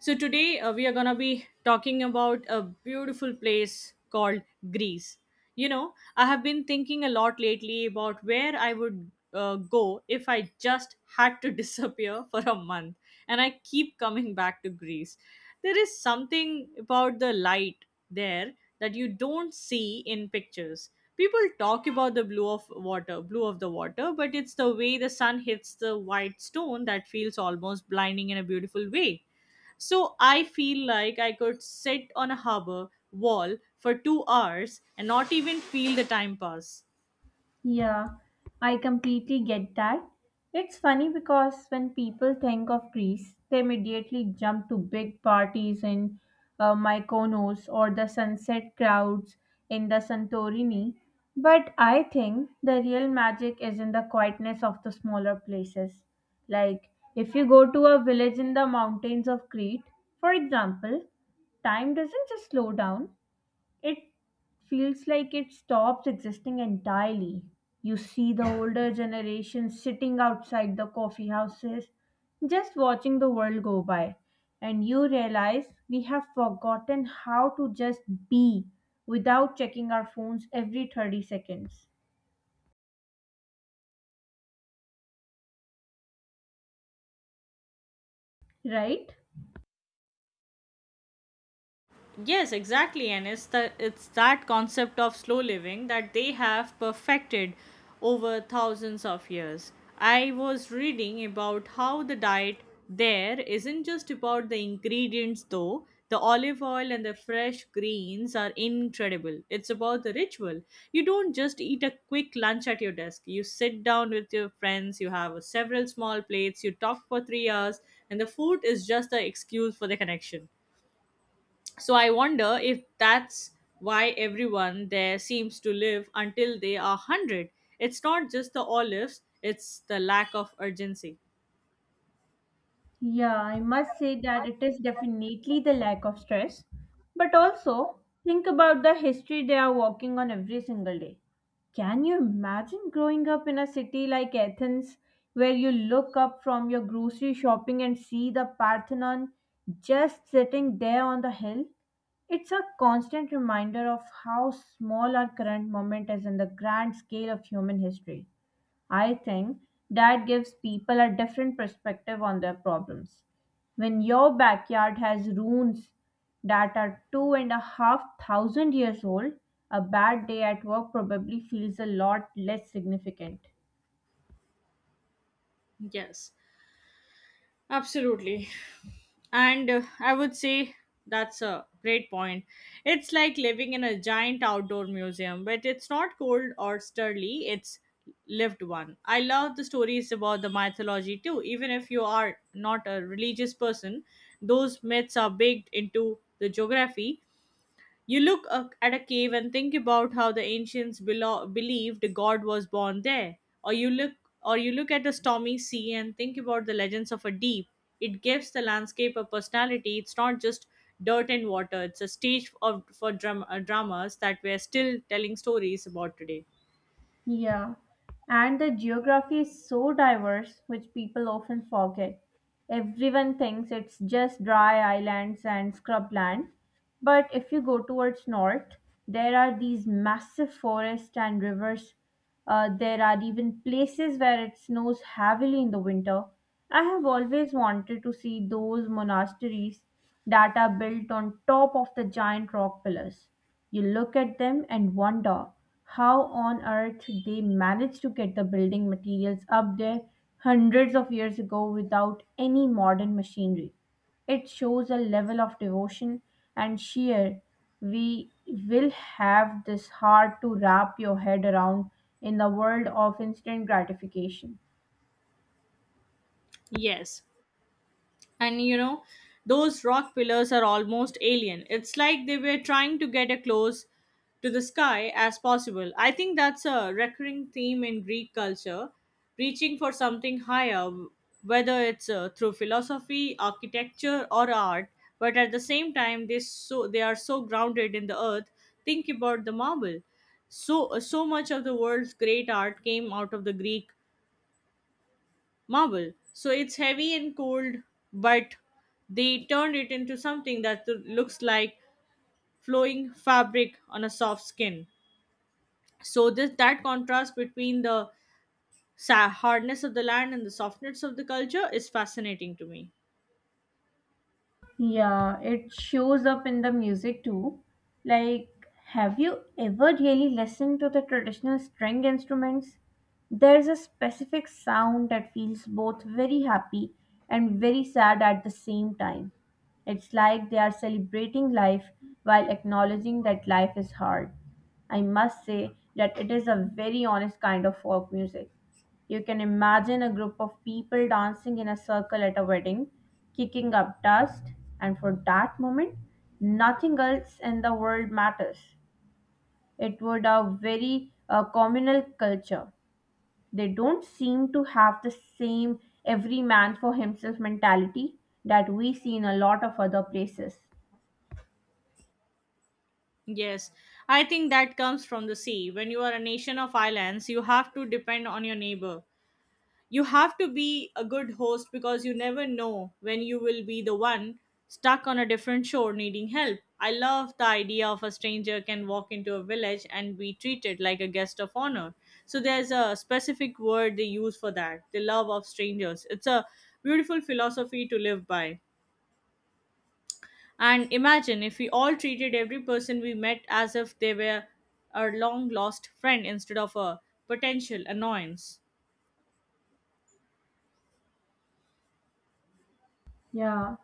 So, today, we are going to be talking about a beautiful place called Greece. I have been thinking a lot lately about where I would go if I just had to disappear for a month. And I keep coming back to Greece. There is something about the light there that you don't see in pictures. People talk about the blue of the water, but it's the way the sun hits the white stone that feels almost blinding in a beautiful way, so I feel like I could sit on a harbor wall for 2 hours and not even feel the time pass. Yeah, I completely get that. It's funny because when people think of Greece, they immediately jump to big parties in Mykonos or the sunset crowds in the Santorini. But I think the real magic is in the quietness of the smaller places. Like, if you go to a village in the mountains of Crete, for example, time doesn't just slow down, it feels like it stops existing entirely. You see the older generation sitting outside the coffee houses, just watching the world go by, and you realize we have forgotten how to just be without checking our phones every 30 seconds, right? Yes, exactly. And it's that concept of slow living that they have perfected over thousands of years. I was reading about how the diet there isn't just about the ingredients though. The olive oil and the fresh greens are incredible. It's about the ritual. You don't just eat a quick lunch at your desk. You sit down with your friends, you have several small plates, you talk for 3 hours, and the food is just the excuse for the connection. So I wonder if that's why everyone there seems to live until they are 100. It's not just the olives, it's the lack of urgency. Yeah, I must say that it is definitely the lack of stress. But also, think about the history they are walking on every single day. Can you imagine growing up in a city like Athens where you look up from your grocery shopping and see the Parthenon just sitting there on the hill? It's a constant reminder of how small our current moment is in the grand scale of human history. I think that gives people a different perspective on their problems. When your backyard has ruins that are two and a half thousand years old, a bad day at work probably feels a lot less significant. Yes. Absolutely. And I would say that's a great point. It's like living in a giant outdoor museum, but it's not cold or sturdy, it's lived one. I love the stories about the mythology too. Even if you are not a religious person, those myths are baked into the geography. You look at a cave and think about how the ancients believed God was born there, or you look or you look at a stormy sea and think about the legends of a deep. It gives the landscape a personality. It's not just dirt and water. It's a stage for dramas that we're still telling stories about today. Yeah, and the geography is so diverse, which people often forget. Everyone thinks it's just dry islands and scrubland, but if you go towards north, there are these massive forests and rivers. There are even places where it snows heavily in the winter. I have always wanted to see those monasteries that are built on top of the giant rock pillars. You look at them and wonder how on earth they managed to get the building materials up there hundreds of years ago without any modern machinery. It shows a level of devotion and sheer we will have this hard to wrap your head around in the world of instant gratification. Yes, and you know, those rock pillars are almost alien. It's like they were trying to get as close to the sky as possible. I think that's a recurring theme in Greek culture, reaching for something higher, whether it's through philosophy, architecture, or art. But at the same time, they are so grounded in the earth. Think about the marble. So much of the world's great art came out of the Greek marble. So it's heavy and cold, but they turned it into something that looks like flowing fabric on a soft skin. So this that contrast between the hardness of the land and the softness of the culture is fascinating to me. Yeah, it shows up in the music too. Like, have you ever really listened to the traditional string instruments? There's a specific sound that feels both very happy and very sad at the same time. It's like they are celebrating life while acknowledging that life is hard. I must say that it is a very honest kind of folk music. You can imagine a group of people dancing in a circle at a wedding, kicking up dust, and for that moment, nothing else in the world matters. It would a very communal culture. They don't seem to have the same every man for himself mentality that we see in a lot of other places. Yes, I think that comes from the sea. When you are a nation of islands, you have to depend on your neighbor. You have to be a good host because you never know when you will be the one stuck on a different shore needing help. I love the idea of a stranger can walk into a village and be treated like a guest of honor. So there's a specific word they use for that, the love of strangers. It's a beautiful philosophy to live by. And imagine if we all treated every person we met as if they were a long lost friend instead of a potential annoyance. Yeah,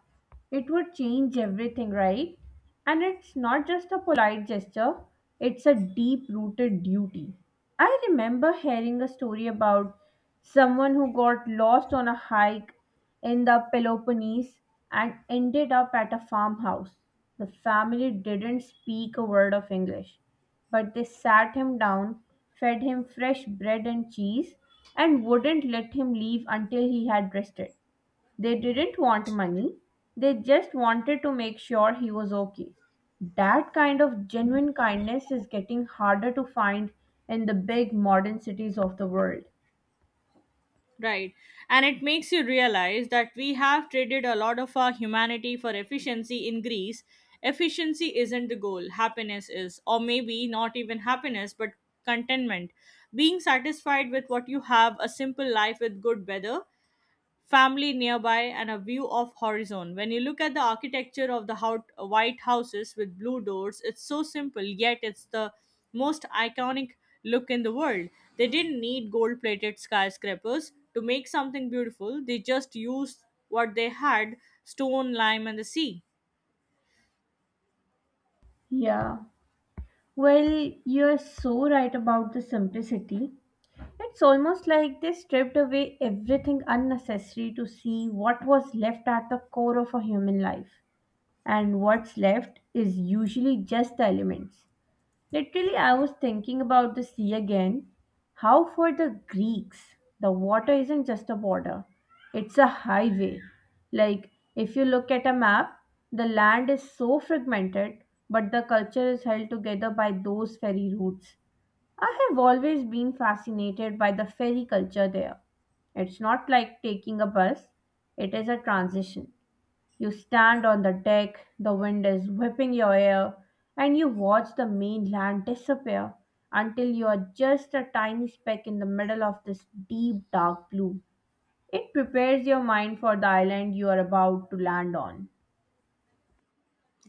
it would change everything, right? And it's not just a polite gesture, it's a deep rooted duty. I remember hearing a story about someone who got lost on a hike in the Peloponnese and ended up at a farmhouse. The family didn't speak a word of English, but they sat him down, fed him fresh bread and cheese, and wouldn't let him leave until he had rested. They didn't want money, they just wanted to make sure he was okay. That kind of genuine kindness is getting harder to find in the big modern cities of the world. Right. And it makes you realize that we have traded a lot of our humanity for efficiency in Greece. Efficiency isn't the goal, happiness is. Or maybe not even happiness, but contentment. Being satisfied with what you have, a simple life with good weather, family nearby, and a view of horizon. When you look at the architecture of the white houses with blue doors, it's so simple, yet it's the most iconic look in the world. They didn't need gold plated skyscrapers to make something beautiful, they just used what they had: stone, lime, and the sea. Yeah. Well, you're so right about the simplicity. It's almost like they stripped away everything unnecessary to see what was left at the core of a human life. And what's left is usually just the elements. Literally, I was thinking about the sea again. How for the Greeks, the water isn't just a border, it's a highway. Like, if you look at a map, the land is so fragmented, but the culture is held together by those ferry routes. I have always been fascinated by the ferry culture there. It's not like taking a bus, it is a transition. You stand on the deck, the wind is whipping your hair, and you watch the mainland disappear until you are just a tiny speck in the middle of this deep dark blue. It prepares your mind for the island you are about to land on.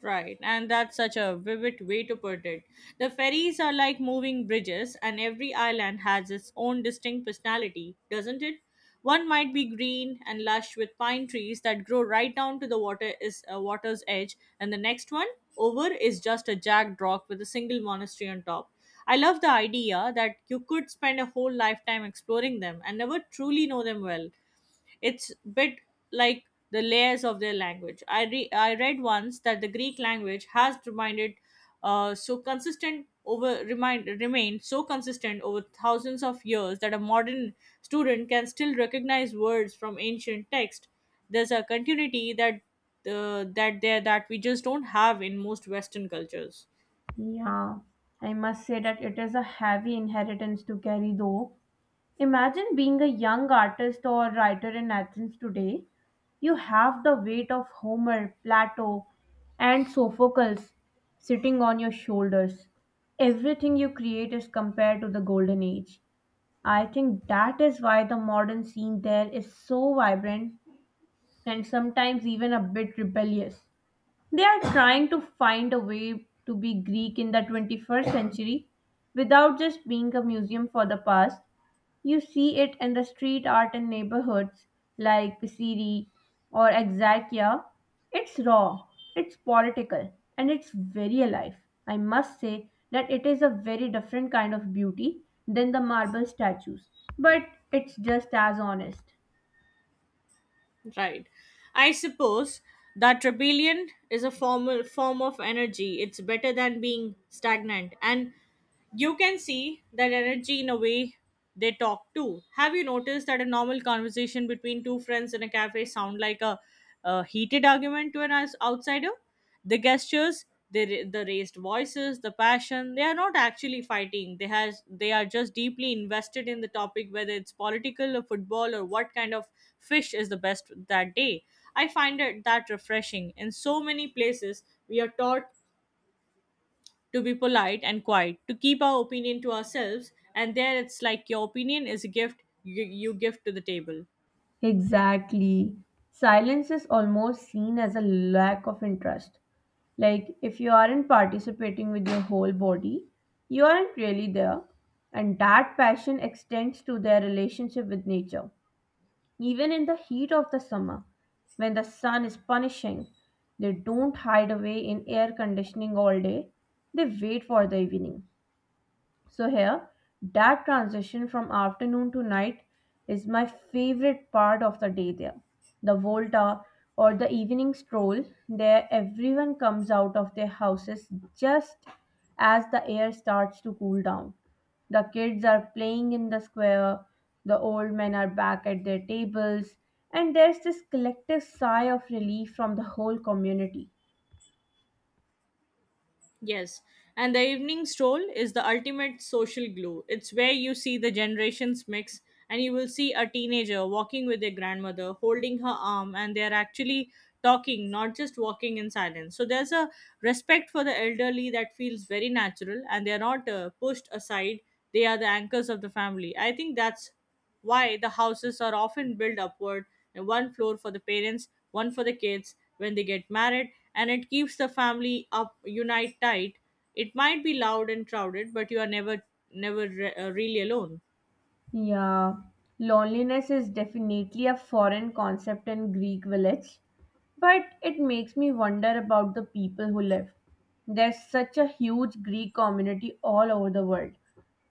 Right, and that's such a vivid way to put it. The ferries are like moving bridges, and every island has its own distinct personality, doesn't it? One might be green and lush with pine trees that grow right down to the water's edge, and the next one over is just a jagged rock with a single monastery on top. I love the idea that you could spend a whole lifetime exploring them and never truly know them well. It's bit like the layers of their language. I read once that the Greek language has reminded so consistent over remind remained so consistent over thousands of years that a modern student can still recognize words from ancient text. There's a continuity that we just don't have in most Western cultures. Yeah, I must say that it is a heavy inheritance to carry though. Imagine being a young artist or writer in Athens today. You have the weight of Homer, Plato, and Sophocles sitting on your shoulders. Everything you create is compared to the golden age. I think that is why the modern scene there is so vibrant and sometimes even a bit rebellious. They are trying to find a way to be Greek in the 21st century without just being a museum for the past. You see it in the street art in neighborhoods like Pisiri or Exarchia. It's raw, it's political, and it's very alive. I must say that it is a very different kind of beauty than the marble statues, but it's just as honest. Right. I suppose that rebellion is a form of energy. It's better than being stagnant. And you can see that energy in a way they talk too. Have you noticed that a normal conversation between two friends in a cafe sound like a heated argument to an outsider? The gestures, the raised voices, the passion, they are not actually fighting. They are just deeply invested in the topic, whether it's political or football or what kind of fish is the best that day. I find it that refreshing. In so many places, we are taught to be polite and quiet, to keep our opinion to ourselves. And there it's like your opinion is a gift you give to the table. Exactly. Silence is almost seen as a lack of interest. Like, if you aren't participating with your whole body, you aren't really there. And that passion extends to their relationship with nature. Even in the heat of the summer, when the sun is punishing, they don't hide away in air conditioning all day, they wait for the evening. So here, that transition from afternoon to night is my favorite part of the day there. The Volta, or the evening stroll, there everyone comes out of their houses just as the air starts to cool down. The kids are playing in the square, the old men are back at their tables, and there's this collective sigh of relief from the whole community. Yes. And the evening stroll is the ultimate social glue. It's where you see the generations mix, and you will see a teenager walking with their grandmother, holding her arm, and they're actually talking, not just walking in silence. So there's a respect for the elderly that feels very natural, and they're not pushed aside. They are the anchors of the family. I think that's why the houses are often built upward, and one floor for the parents, one for the kids when they get married, and it keeps the family up unite tight. It might be loud and crowded, but you are never really alone. Yeah, loneliness is definitely a foreign concept in Greek village, but it makes me wonder about the people who live. There's such a huge Greek community all over the world,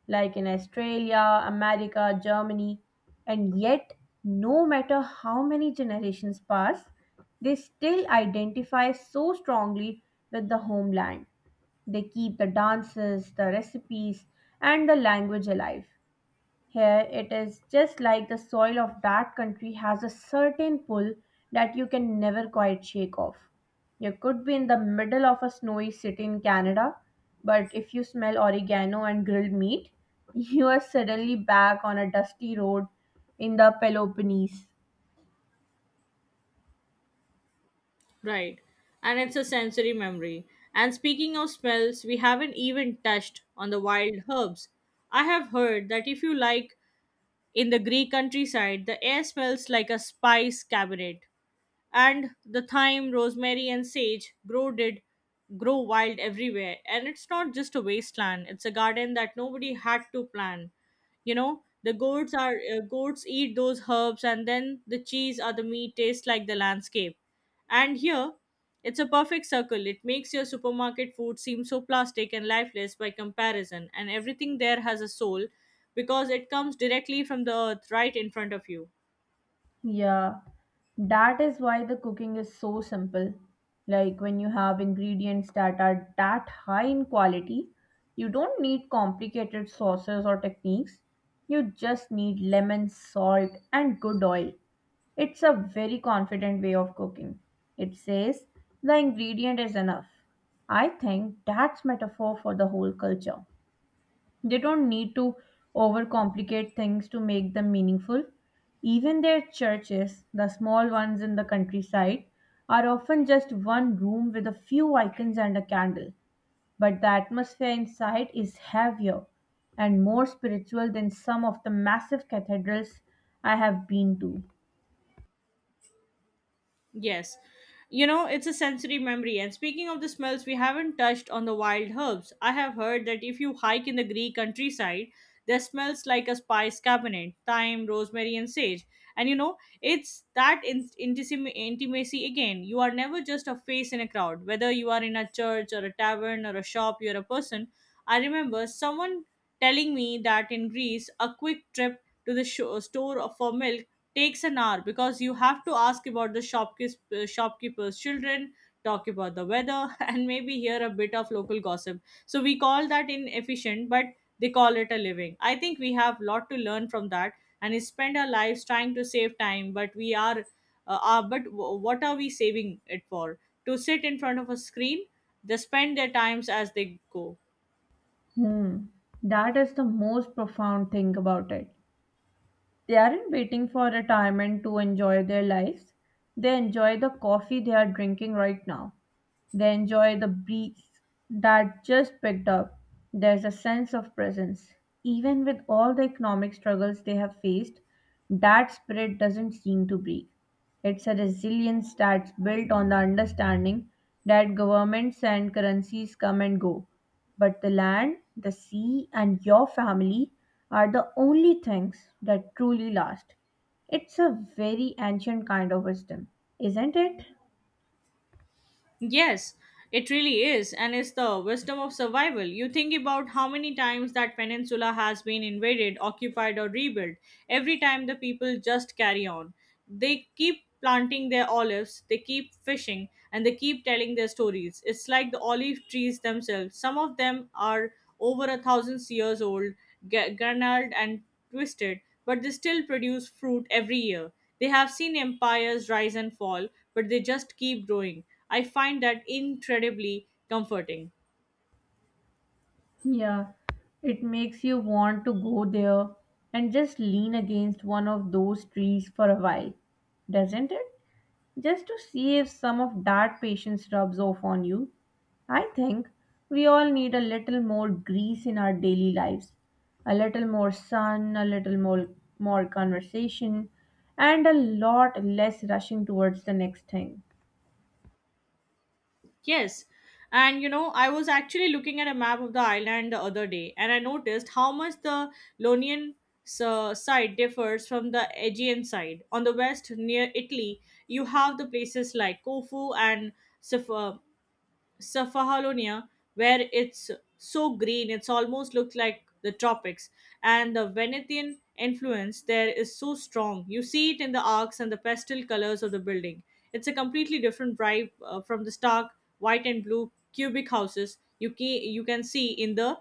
like in Australia, America, Germany, and yet, no matter how many generations pass, they still identify so strongly with the homeland. They keep the dances, the recipes, and the language alive. Here it is just like the soil of that country has a certain pull that you can never quite shake off. You could be in the middle of a snowy city in Canada, but if you smell oregano and grilled meat, you are suddenly back on a dusty road in the Peloponnese. Right. And it's a sensory memory. And speaking of smells, we haven't even touched on the wild herbs. I have heard that if you like in the Greek countryside, the air smells like a spice cabinet, and the thyme, rosemary, and sage grow wild everywhere. And it's not just a wasteland; it's a garden that nobody had to plan. The goats eat those herbs, and then the cheese or the meat tastes like the landscape. And here, it's a perfect circle. It makes your supermarket food seem so plastic and lifeless by comparison, and everything there has a soul because it comes directly from the earth right in front of you. Yeah, that is why the cooking is so simple. Like, when you have ingredients that are that high in quality, you don't need complicated sauces or techniques. You just need lemon, salt, and good oil. It's a very confident way of cooking. It says the ingredient is enough. I think that's metaphor for the whole culture. They don't need to overcomplicate things to make them meaningful. Even their churches, the small ones in the countryside, are often just one room with a few icons and a candle. But the atmosphere inside is heavier and more spiritual than some of the massive cathedrals I have been to. Yes. It's a sensory memory. And speaking of the smells, we haven't touched on the wild herbs. I have heard that if you hike in the Greek countryside, there smells like a spice cabinet, thyme, rosemary, and sage. And you know, it's that intimacy again. You are never just a face in a crowd, whether you are in a church or a tavern or a shop, you're a person. I remember someone telling me that in Greece, a quick trip to the sho store for milk takes an hour because you have to ask about the shopkeeper's children, talk about the weather, and maybe hear a bit of local gossip. So we call that inefficient, but they call it a living. I think we have a lot to learn from that, and we spend our lives trying to save time, but we are but w- what are we saving it for? To sit in front of a screen, they spend their times as they go. Hmm, that is the most profound thing about it. They aren't waiting for retirement to enjoy their lives. They enjoy the coffee they are drinking right now. They enjoy the breeze that just picked up. There's a sense of presence. Even with all the economic struggles they have faced, that spirit doesn't seem to break. It's a resilience that's built on the understanding that governments and currencies come and go. But the land, the sea, and your family are the only things that truly last. It's a very ancient kind of wisdom, isn't it? Yes, it really is, and it's the wisdom of survival. You think about how many times that peninsula has been invaded, occupied, or rebuilt. Every time the people just carry on. They keep planting their olives, they keep fishing, and they keep telling their stories. It's like the olive trees themselves. Some of them are over a thousand years old, gnarled and twisted, but they still produce fruit every year. They have seen empires rise and fall, but they just keep growing. I find that incredibly comforting. Yeah, it makes you want to go there and just lean against one of those trees for a while, doesn't it? Just to see if some of that patience rubs off on you. I think we all need a little more grease in our daily lives, a little more sun, a little more, more conversation, and a lot less rushing towards the next thing. Yes. And you know, I was actually looking at a map of the island the other day, and I noticed how much the Ionian side differs from the Aegean side. On the west, near Italy, you have the places like Corfu and Sif- uh, Cephalonia, where it's so green, it's almost looks like the tropics. And the Venetian influence there is so strong. You see it in the arcs and the pastel colors of the building. It's a completely different vibe from the stark white and blue cubic houses you can see in the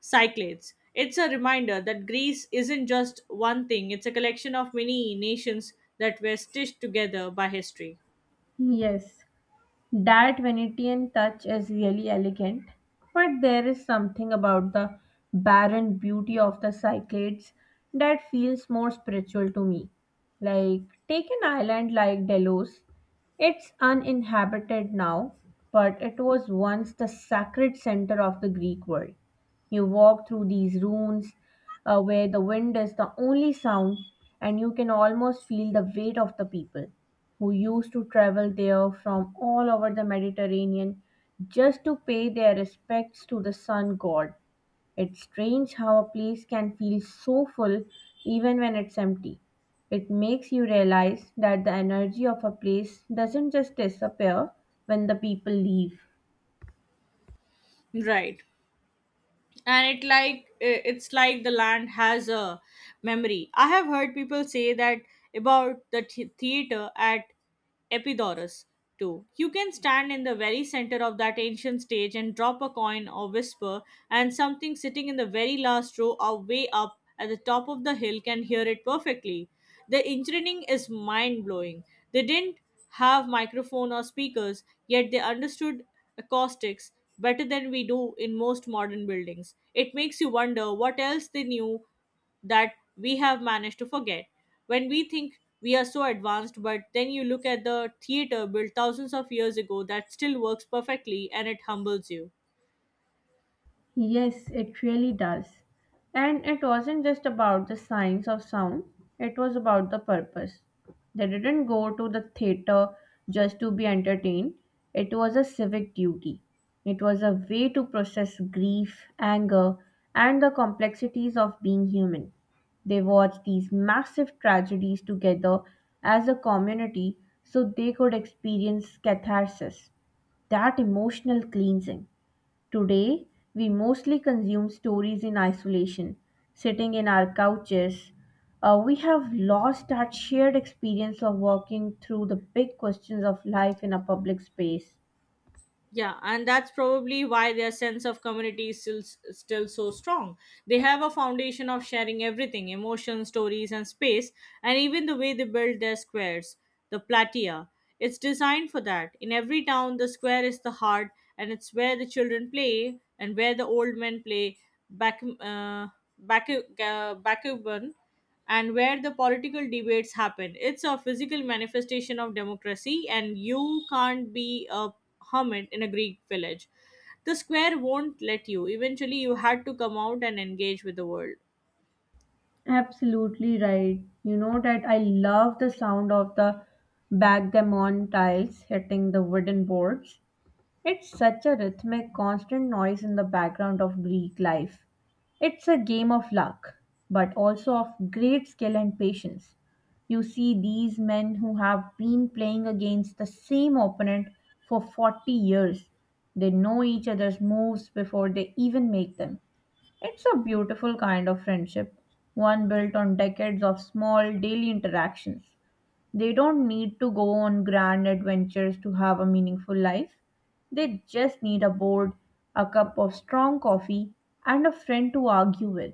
Cyclades. It's a reminder that Greece isn't just one thing, it's a collection of many nations that were stitched together by history. Yes, that Venetian touch is really elegant, but there is something about the barren beauty of the Cyclades that feels more spiritual to me. Like, take an island like Delos. It's uninhabited now, but it was once the sacred center of the Greek world. You walk through these ruins where the wind is the only sound, and you can almost feel the weight of the people who used to travel there from all over the Mediterranean just to pay their respects to the sun god. It's strange how a place can feel so full even when it's empty. It makes you realize that the energy of a place doesn't just disappear when the people leave. Right. And it like it's like the land has a memory. I have heard people say that about the theater at Epidaurus too. You can stand in the very center of that ancient stage and drop a coin or whisper, and something sitting in the very last row or way up at the top of the hill can hear it perfectly. The engineering is mind blowing. They didn't have microphone or speakers, yet they understood acoustics better than we do in most modern buildings. It makes you wonder what else they knew that we have managed to forget. When we think we are so advanced, but then you look at the theater built thousands of years ago that still works perfectly and it humbles you. Yes, it really does. And it wasn't just about the science of sound, it was about the purpose. They didn't go to the theater just to be entertained, it was a civic duty. It was a way to process grief, anger, and the complexities of being human. They watched these massive tragedies together as a community so they could experience catharsis, that emotional cleansing. Today, we mostly consume stories in isolation, sitting in our couches. We have lost that shared experience of walking through the big questions of life in a public space. Yeah, and that's probably why their sense of community is still so strong. They have a foundation of sharing everything emotions, stories, and space, and even the way they build their squares, the platea. It's designed for that. In every town, the square is the heart, and it's where the children play and where the old men play back, uh, back, backgammon and where the political debates happen. It's a physical manifestation of democracy, and you can't be a hermit in a Greek village. The square won't let you. Eventually, you had to come out and engage with the world. Absolutely right. You know that I love the sound of the backgammon tiles hitting the wooden boards. It's such a rhythmic, constant noise in the background of Greek life. It's a game of luck, but also of great skill and patience. You see these men who have been playing against the same opponent for 40 years. They know each other's moves before they even make them. It's a beautiful kind of friendship, one built on decades of small daily interactions. They don't need to go on grand adventures to have a meaningful life. They just need a board, a cup of strong coffee, and a friend to argue with.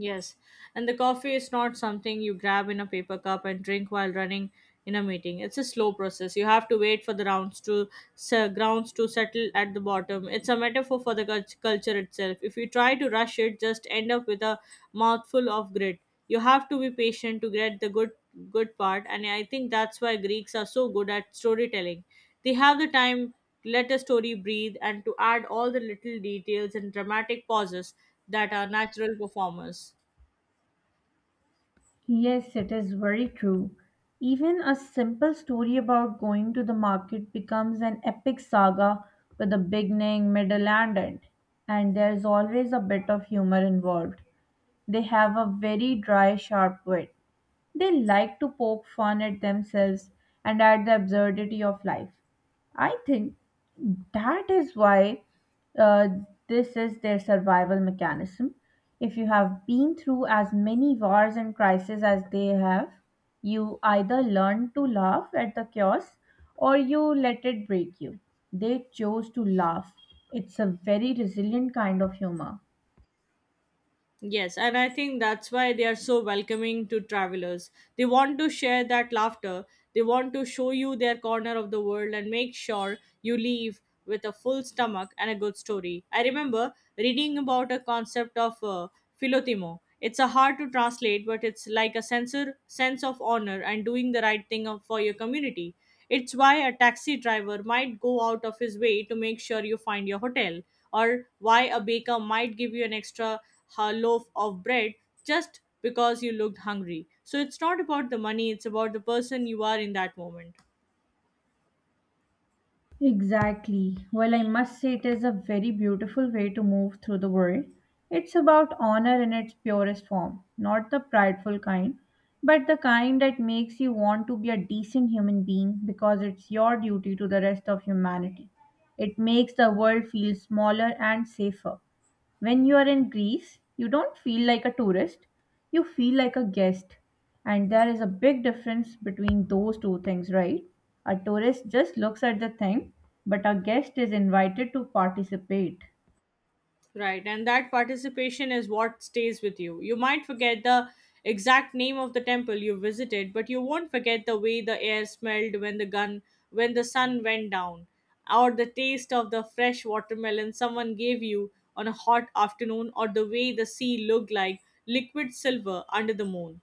Yes, and the coffee is not something you grab in a paper cup and drink while running in a meeting. It's a slow process. You have to wait for the grounds to settle at the bottom. It's a metaphor for the culture itself. If you try to rush it, just end up with a mouthful of grit. You have to be patient to get the good part, and I think that's why Greeks are so good at storytelling. They have the time let a story breathe, and to add all the little details and dramatic pauses that are natural performers. Yes, it is very true. Even a simple story about going to the market becomes an epic saga with a beginning, middle, and end. And there's always a bit of humor involved. They have a very dry, sharp wit. They like to poke fun at themselves and at the absurdity of life. I think that is why uh, this is their survival mechanism. If you have been through as many wars and crises as they have, you either learn to laugh at the chaos or you let it break you. They chose to laugh. It's a very resilient kind of humor. Yes, and I think that's why they are so welcoming to travelers. They want to share that laughter, they want to show you their corner of the world and make sure you leave with a full stomach and a good story. I remember reading about a concept of philotimo. It's a hard to translate, but it's like a sense of honor and doing the right thing for your community. It's why a taxi driver might go out of his way to make sure you find your hotel, or why a baker might give you an extra loaf of bread just because you looked hungry. So it's not about the money, it's about the person you are in that moment. Exactly. Well, I must say it is a very beautiful way to move through the world. It's about honor in its purest form, not the prideful kind, but the kind that makes you want to be a decent human being because it's your duty to the rest of humanity. It makes the world feel smaller and safer. When you are in Greece, you don't feel like a tourist, you feel like a guest. And there is a big difference between those two things, right? A tourist just looks at the thing, but a guest is invited to participate. Right, and that participation is what stays with you. You might forget the exact name of the temple you visited, but you won't forget the way the air smelled when the gun when the sun went down, or the taste of the fresh watermelon someone gave you on a hot afternoon, or the way the sea looked like liquid silver under the moon.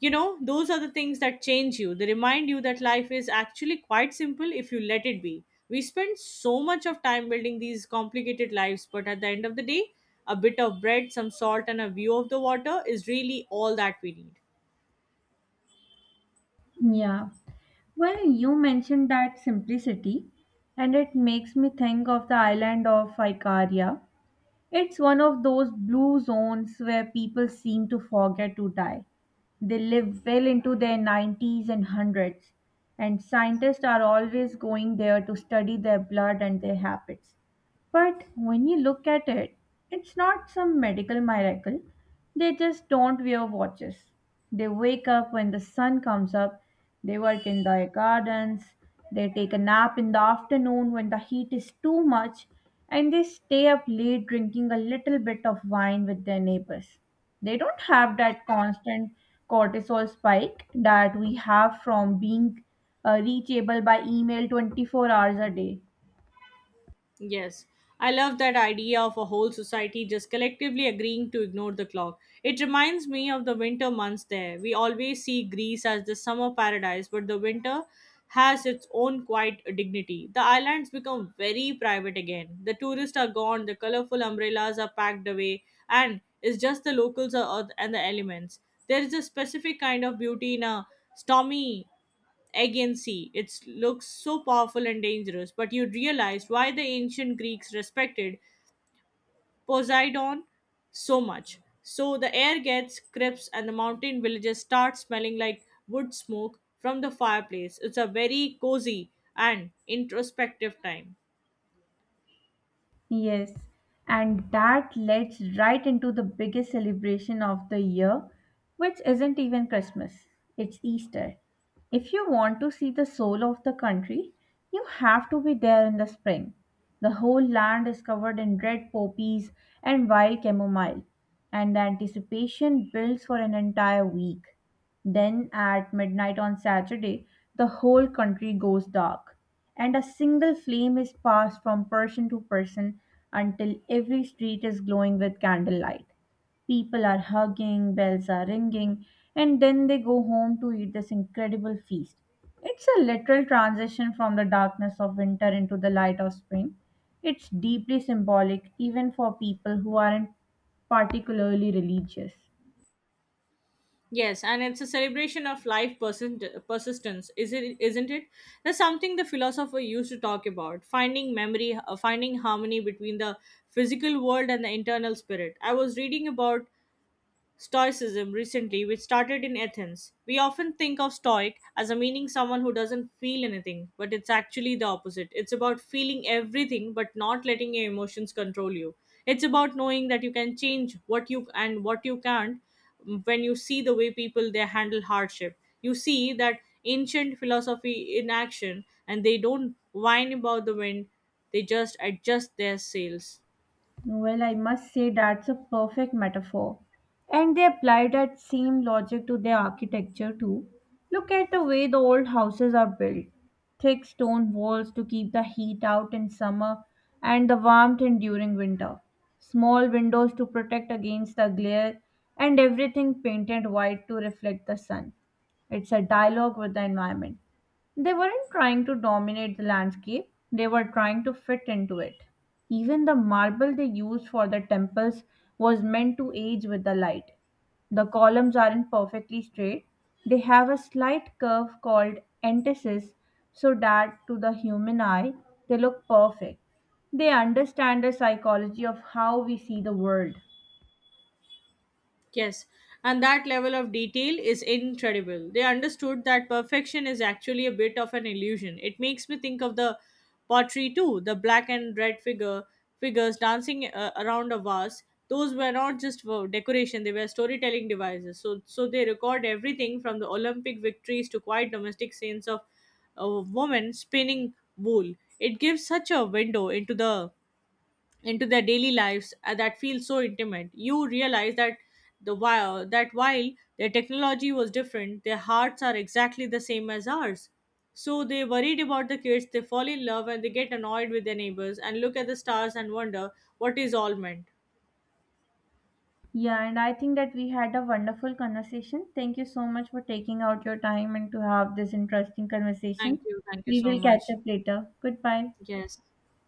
You know, those are the things that change you. They remind you that life is actually quite simple if you let it be. We spend so much of time building these complicated lives, but at the end of the day, a bit of bread, some salt, and a view of the water is really all that we need. Yeah. Well, you mentioned that simplicity, and it makes me think of the island of Icaria. It's one of those blue zones where people seem to forget to die. They live well into their 90s and 100s, and scientists are always going there to study their blood and their habits. But when you look at it, it's not some medical miracle. They just don't wear watches. They wake up when the sun comes up, they work in their gardens, they take a nap in the afternoon when the heat is too much, and they stay up late drinking a little bit of wine with their neighbors. They don't have that constant cortisol spike that we have from being reachable by email 24 hours a day. Yes, I love that idea of a whole society just collectively agreeing to ignore the clock. It reminds me of the winter months there. We always see Greece as the summer paradise, but the winter has its own quiet dignity. The islands become very private again. The tourists are gone, the colorful umbrellas are packed away, and it's just the and the elements. There is a specific kind of beauty in a stormy. Again, see, it looks so powerful and dangerous, but you'd realize why the ancient Greeks respected Poseidon so much. So the air gets crisp and the mountain villages start smelling like wood smoke from the fireplace. It's a very cozy and introspective time. Yes, and that leads right into the biggest celebration of the year, which isn't even Christmas, it's Easter. If you want to see the soul of the country, you have to be there in the spring. The whole land is covered in red poppies and wild chamomile, and the anticipation builds for an entire week. Then, at midnight on Saturday, the whole country goes dark, and a single flame is passed from person to person until every street is glowing with candlelight. People are hugging, bells are ringing, and then they go home to eat this incredible feast. It's a literal transition from the darkness of winter into the light of spring. It's deeply symbolic even for people who aren't particularly religious. Yes, and it's a celebration of life persistence, is it? Isn't it? That's something the philosopher used to talk about: finding memory, finding harmony between the physical world and the internal spirit. I was reading about Stoicism recently, which started in Athens. We often think of stoic as a meaning someone who doesn't feel anything, but it's actually the opposite. It's about feeling everything but not letting your emotions control you. It's about knowing that you can change what you and what you can't, when you see the way people they handle hardship. You see that ancient philosophy in action and they don't whine about the wind, they just adjust their sails. Well, I must say that's a perfect metaphor. And they apply that same logic to their architecture too. Look at the way the old houses are built. Thick stone walls to keep the heat out in summer and the warmth in during winter. Small windows to protect against the glare and everything painted white to reflect the sun. It's a dialogue with the environment. They weren't trying to dominate the landscape, they were trying to fit into it. Even the marble they used for the temples was meant to age with the light. The columns aren't perfectly straight, they have a slight curve called entasis, so that to the human eye, they look perfect. They understand the psychology of how we see the world. Yes, and that level of detail is incredible. They understood that perfection is actually a bit of an illusion. It makes me think of the pottery too, the black and red figures dancing around a vase. Those were not just for decoration; they were storytelling devices. So they record everything from the Olympic victories to quiet domestic scenes of a woman spinning wool. It gives such a window into the into their daily lives that feel so intimate. You realize that the while that while their technology was different, their hearts are exactly the same as ours. So they worried about the kids, they fall in love and they get annoyed with their neighbors and look at the stars and wonder what is all meant. Yeah, and I think that we had a wonderful conversation. Thank you so much for taking out your time and to have this interesting Thank conversation. you. Thank you We so will catch much. up later. Goodbye. Yes.